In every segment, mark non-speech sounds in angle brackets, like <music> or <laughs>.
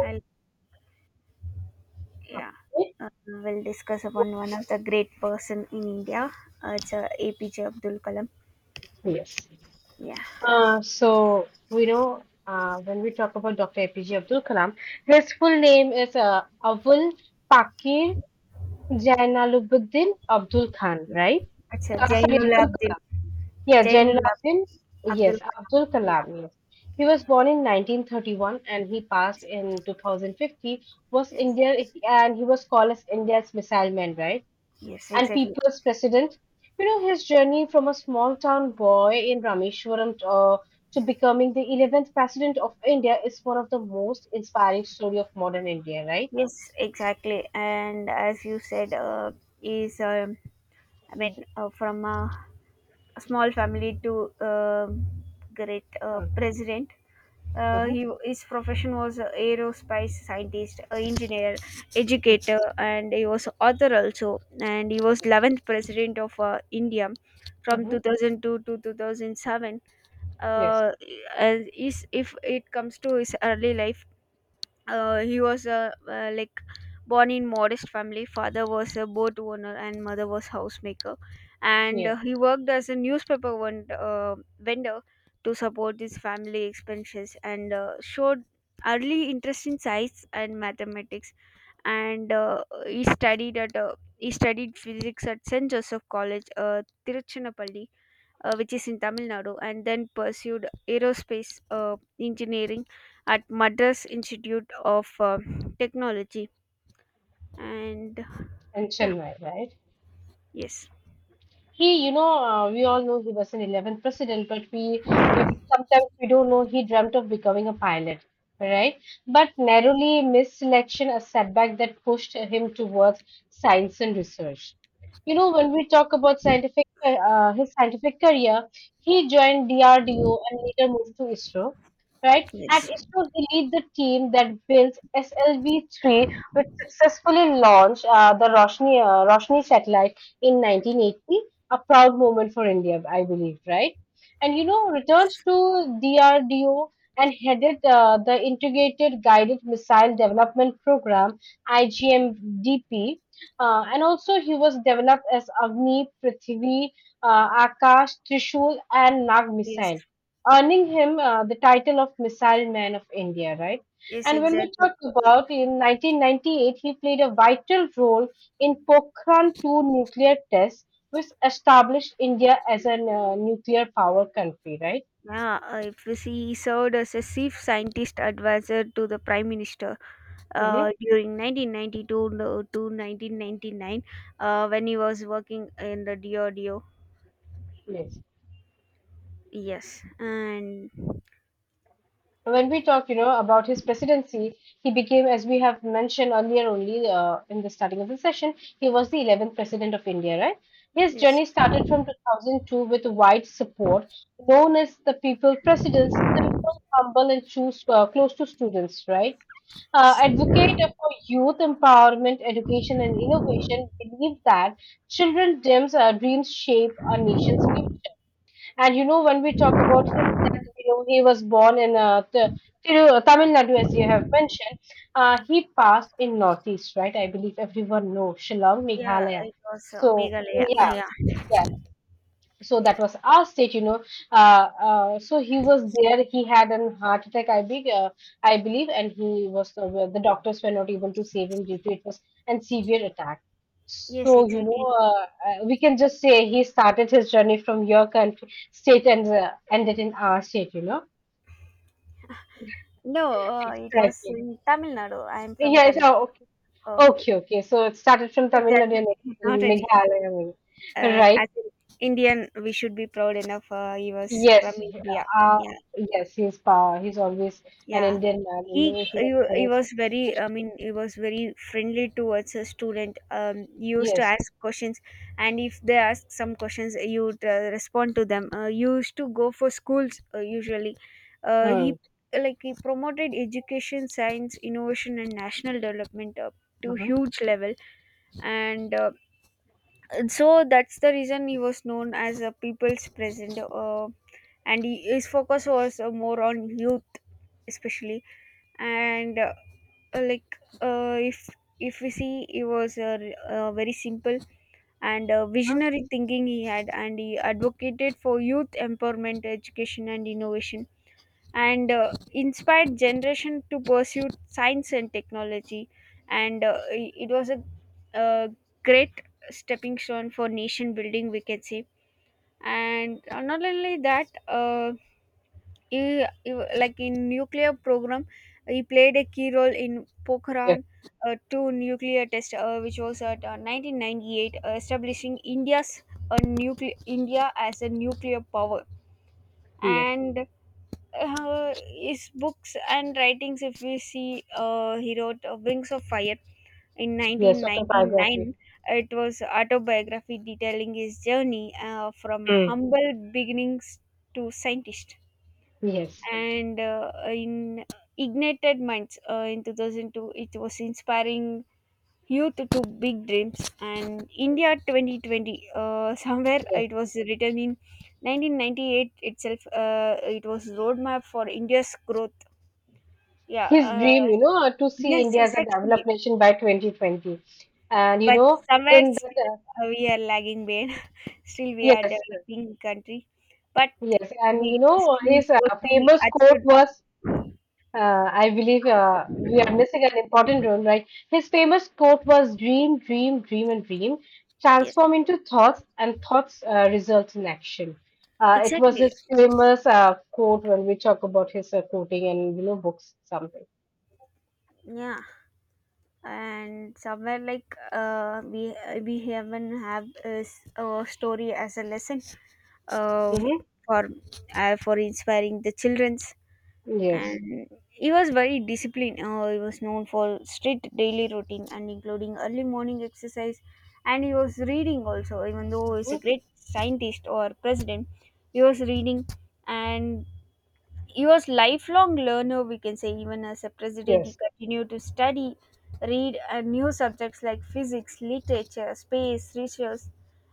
I'll, yeah, we'll discuss upon one of the great person in India. It's APJ Abdul Kalam. Yes. Yeah, So we know when we talk about Dr. APJ Abdul Kalam, his full name is Avul Pakir Janalubuddin Abdul Khan, yeah. right? It's Sorry, Jainul Abdul Abdul Kalam. Yeah, Jainul Janalubuddin. Ab- Abdul Yes, Kalam. Abdul Yeah, Kalam. Yes. He was born in 1931 and he passed yes, in 2050. Was yes, India and he was called as India's missile man, right? yes, And exactly. People's President. You know, his journey from a small town boy in Rameshwaram to becoming the 11th President of India is one of the most inspiring story of modern India, right? Yes, exactly. And as you said, is I mean, from a small family to great president. Mm-hmm. He His profession was a aerospace scientist, a engineer, educator, and he was author also. And he was Yes. 11th president of India from Mm-hmm. 2002 to 2007. Yes. Uh, as is if it comes to his early life, he was a like born in modest family. Father was a boat owner and mother was housemaker, and Yes. He worked as a newspaper vendor to support his family expenses, and showed early interest in science and mathematics. And he studied physics at Saint Joseph College, Tiruchirappalli, which is in Tamil Nadu, and then pursued aerospace engineering at Madras Institute of Technology. And And yeah, Chennai, right? yes, He, we all know he was an 11th president, but we sometimes we don't know he dreamt of becoming a pilot, right? But narrowly missed selection, a setback that pushed him towards science and research. You know, when we talk about his scientific career, he joined DRDO and later moved to ISRO, right? At yes, ISRO, he lead the team that built SLV-3, which successfully launched the Roshni satellite in 1980, a proud moment for India, I believe, right? And you know, returned to DRDO and headed the Integrated Guided Missile Development Program (IGMDP), and also he was developed as Agni, Prithvi, Akash, Trishul, and Nag yes, missile, earning him the title of Missile Man of India, right? yes, And when we exactly. talk about in 1998, he played a vital role in Pokhran 2 nuclear test which established India as a nuclear power country, right? Yeah, if you see, he served as a chief scientist advisor to the prime minister Hmm. During 1992 to 1999 when he was working in the DRDO. Yes. Yes, and When we talk, you know, about his presidency, he became, as we have mentioned earlier, only in the starting of the session, he was the 11th president of India, right? His yes, journey started from 2002 with wide support, known as the people president's simple, humble, and choose, close to students, right? uh, yes. advocate for youth empowerment, education, and innovation, believe that children's dreams shape our nation's. And you know, when we talk about him, that you know he was born in Tamil Nadu, as you have mentioned. He passed in Northeast, right? I believe everyone knows Shillong, Yeah, Meghalaya. it was So, Meghalaya. yeah, Yeah, yeah, so that was our state. So he was there. He had an heart attack, I believe, and he was well, the doctors were not able to save him due to it was an severe attack. So, yes, exactly. We can just say he started his journey from your country state and ended in our state. No, it was Exactly, in Tamil Nadu. I am from yeah. Karnataka. So, okay, Oh, okay, okay, so it started from Tamil that's Nadu and okay. Not any. Meghalaya, right. As an Indian, we should be proud enough. He was from Yes, India. Yeah, yes, he's power. He's always an yeah. Indian man. In the way he was He very, was very, I mean, he was very friendly towards a student. He used to yes, ask questions, and if they ask some questions, you would respond to them. You used to go for schools usually. Mm, He Like, he promoted education, science, innovation, and national development hmm, to mm-hmm, huge level. And so that's the reason he was known as a people's president. And his focus was more on youth, especially. And like, if we see, he was very simple, and visionary thinking he had, and he advocated for youth empowerment, education, and innovation, and inspired generation to pursue science and technology, and it was a uh, great stepping stone for nation building, we can say. And not only that, he like in nuclear program, he played a key role in Pokhran yes, 2 nuclear test, which was at 1998, establishing india as a nuclear power. yes, And uh, his books and writings, if we see, he wrote Wings of Fire in yes, 1999. autobiography. It was autobiography detailing his journey from Mm. humble beginnings to scientist. Yes, And in Ignited Minds, in 2002, it was inspiring youth to big dreams. And India yes, 2020, somewhere yes. it was written in 1998 itself. It was roadmap for india's growth. Yeah. His dream, to see Yes, India as a developed exactly. nation by 2020. And, you But know, somewhere in still, that, we are lagging behind. <laughs> Still we are yes, developing country. But yes. And, you maybe these know, his dreams would be famous quote achieved. was, I believe we are missing an important role, right? His famous quote was dream, dream, dream, and dream, Yes, transform into thoughts, and thoughts result in action. It was exactly. his famous quote when we talk about his quoting and books something. Yeah. And somewhere, like, we even have is a story as a lesson, uh, Mm-hmm. for for inspiring the childrens. Yes. And he was very disciplined. He was known for strict daily routine and including early morning exercise. And he was reading also, even though he's a Hmm. great scientist or president, he was reading. And he was lifelong learner, we can say. Even as a president, he Yes. continued to study, read new subjects like physics, literature, space, research,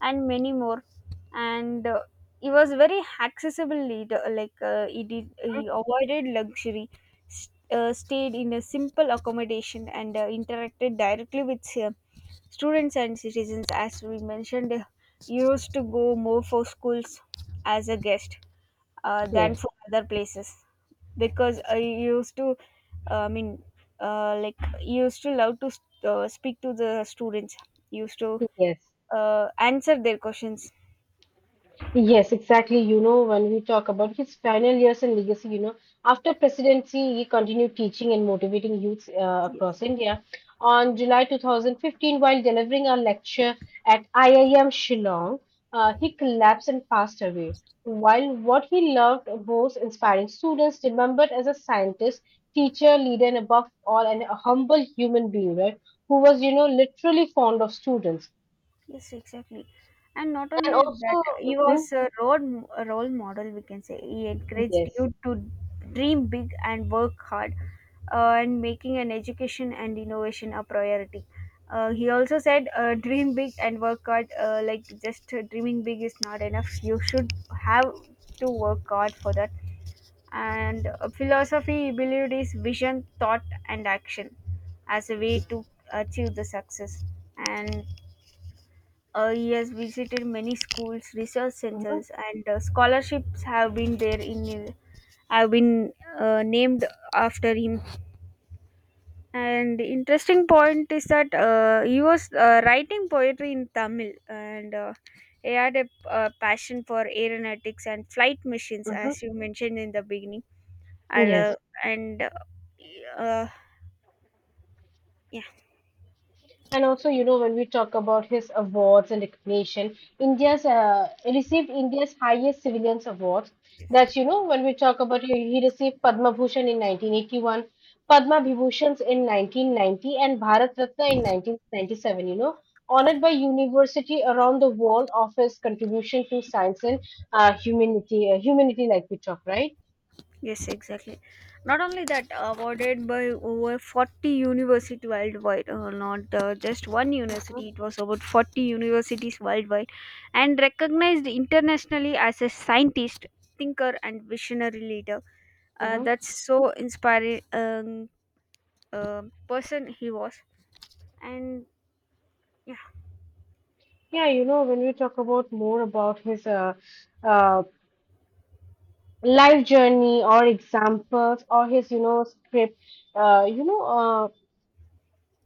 and many more. And he was a very accessible leader. Like, he avoided luxury, stayed in a simple accommodation, and interacted directly with students and citizens. As we mentioned, he used to go more for schools as a guest than Yes. from other places, because I used to, I mean, like used to love to speak to the students, used to Yes. Answer their questions. Yes, exactly. You know, when we talk about his final years and legacy, after presidency, he continued teaching and motivating youths across Yes. India. On July 2015, while delivering a lecture at IIM Shillong, he collapsed and passed away. While what he loved most inspiring students, remembered as a scientist, teacher, leader, and above all, a humble human being, right? Who was, literally fond of students. Yes, exactly. And not And only that, also, he mhm, was a a role model, we can say. He encouraged yes. you to dream big and work hard, and making an education and innovation a priority. He also said, dream big and work hard. Like, just dreaming big is not enough. You should have to work hard for that. And philosophy, he believed, is vision, thought, and action as a way to achieve the success. And yes, visited many schools, research Mhm. centers, and scholarships have been named after him. And interesting point is that he was writing poetry in Tamil, and he had a passion for aeronautics and flight machines, Mhm. as you mentioned in the beginning. And Yes, and uh, yeah. and also, you know, when we talk about his awards and recognition, India's received India's highest civilians awards. That's, you know, when we talk about he received Padma Bhushan in 1981, Padma Vibhushans in 1990, and Bharat Ratna in 1997, you know, honored by university around the world of his contribution to science and humanity, humanity like we talk, right? Yes, exactly. Not only that, awarded by over 40 university worldwide, not just one university, it was about 40 universities worldwide, and recognized internationally as a scientist, thinker, and visionary leader. Mm-hmm. That's so inspiring. Uh, Person he was. And yeah, Yeah, you know, when we talk about more about his uh, life journey or examples or his script uh, you know uh,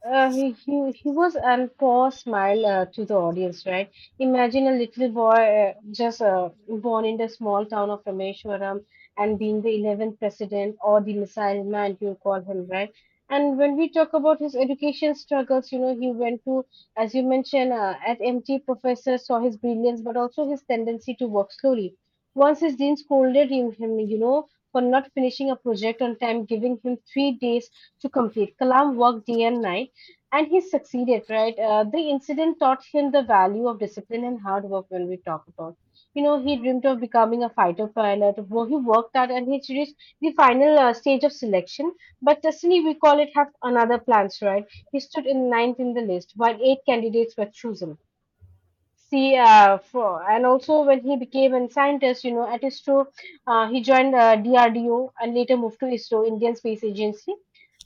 he was, and Paul smiled to the audience, right? Imagine a little boy just born in the small town of Rameshwaram and being the 11th president or the missile man, you call him, right? And when we talk about his education struggles, you know, he went to, as you mentioned, at MT, professor saw his brilliance, but also his tendency to work slowly. Once his dean scolded him, you know, for not finishing a project on time, giving him 3 days to complete. Kalam worked day and night and he succeeded, right? The incident taught him the value of discipline and hard work when we talk about. You know, he dreamed of becoming a fighter pilot. Well, he worked out and he reached the final stage of selection. But destiny, we call it, have another plans, right? He stood in ninth in the list, while eight candidates were chosen. See, yes, for, and also when he became a scientist, you know, at ISRO, he joined DRDO and later moved to ISRO, Indian Space Agency.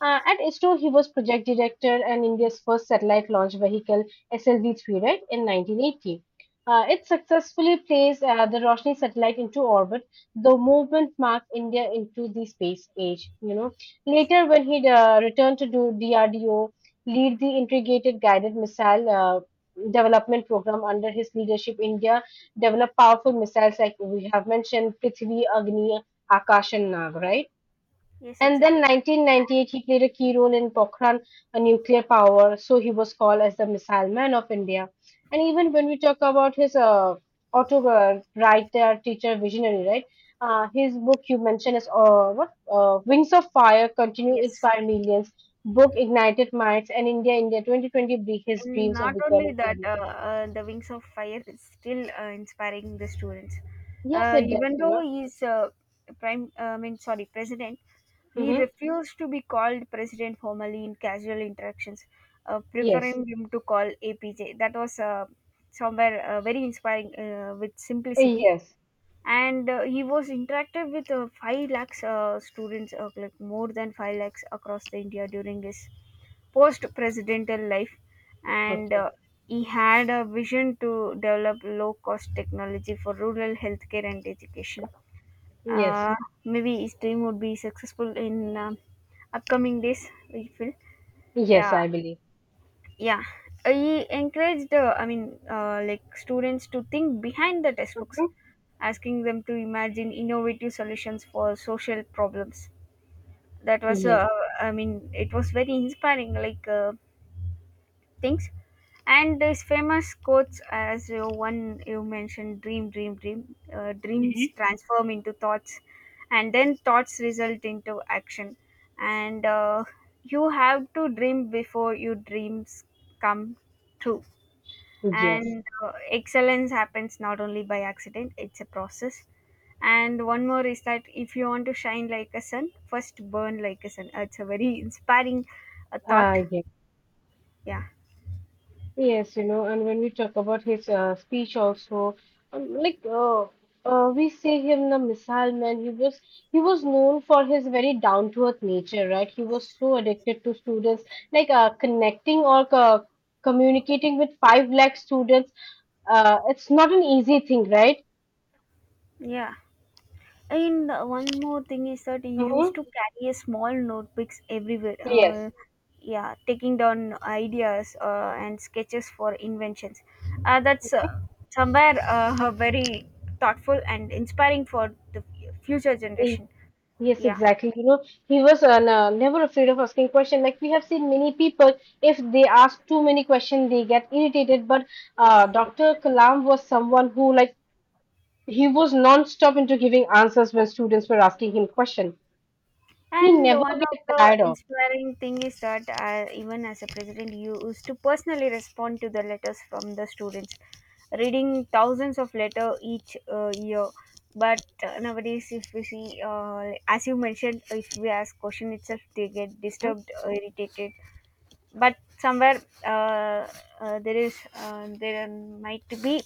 At ISRO, he was project director and India's first satellite launch vehicle, SLV-3, right, in 1980. It successfully placed the Roshni satellite into orbit. The movement marked India into the space age. Later, when he returned to do DRDO, lead the integrated guided missile development program under his leadership, India developed powerful missiles like we have mentioned Prithvi, Agni, Akash, and Nag, right? yes, And exactly. then 1998, he played a key role in Pokhran, a nuclear power, so he was called as the missile man of India. And even when we talk about his auto writer, teacher, visionary, right? His book you mentioned is what? Wings of Fire continue Yes. inspire millions book Ignited Minds and India 2020 Break His And Dreams of not only Becoming. that, the Wings of Fire is still inspiring the students. Yes, it does, Even you though know. he's prime, I mean, sorry, president, he Mm-hmm. refused to be called president formally in casual interactions, Yes. preferring him to call APJ. That was somewhere very inspiring with Uh, simplicity. Yes. And he was interactive with 5 lakhs students, like more than 5 lakhs across the India during his post-presidential life, and Okay. He had a vision to develop low-cost technology for rural healthcare and education. Yes. Uh, Maybe his dream would be successful in upcoming days. We feel. Yes, Yeah, I believe. yeah. He encouraged, I mean, like students to think behind the textbooks, Mm-hmm. asking them to imagine innovative solutions for social problems. That was, Yes. I mean, it was very inspiring. Like. Things, and his famous quotes, as you one you mentioned: dream, dream, dream, dreams Mm-hmm. transform into thoughts, and then thoughts result into action. And you have to dream before your dreams come true. Yes. And excellence happens not only by accident, it's a process. And one more is that, if you want to shine like a sun, first burn like a sun. It's a very inspiring thought. Yes. Yeah, Yes, and when we talk about his speech also, like we say him the missile man, he was known for his very down to earth nature, right? He was so addicted to students, like connecting or co communicating with 5 lakh students. It's not an easy thing, right? yeah. And one more thing is that he used Mm-hmm. to carry a small notebooks everywhere. Yes. Yeah, taking down ideas and sketches for inventions. That's somewhere very thoughtful and inspiring for the future Y- generation. Yes, Yeah. exactly. You know, he was never afraid of asking questions. Like we have seen many people, if they ask too many questions, they get irritated. But Dr. Kalam was someone who, like, he was non-stop into giving answers when students were asking him questions. He And never one of get the tired of. inspiring thing is that even as a president, you used to personally respond to the letters from the students, reading thousands of letter each year. But nowadays, if we see, as you mentioned, if we ask question itself, they get Mm-hmm. disturbed, irritated. But somewhere, there might be,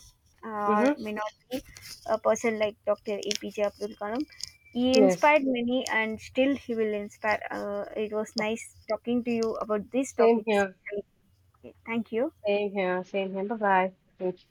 or Mm-hmm, may not be, a person like Dr. APJ Abdul Kalam. He yes. inspired many, and still he will inspire. It was nice talking to you about these Same topics. here. Thank you. Same here. Same here. Bye bye. Thank you.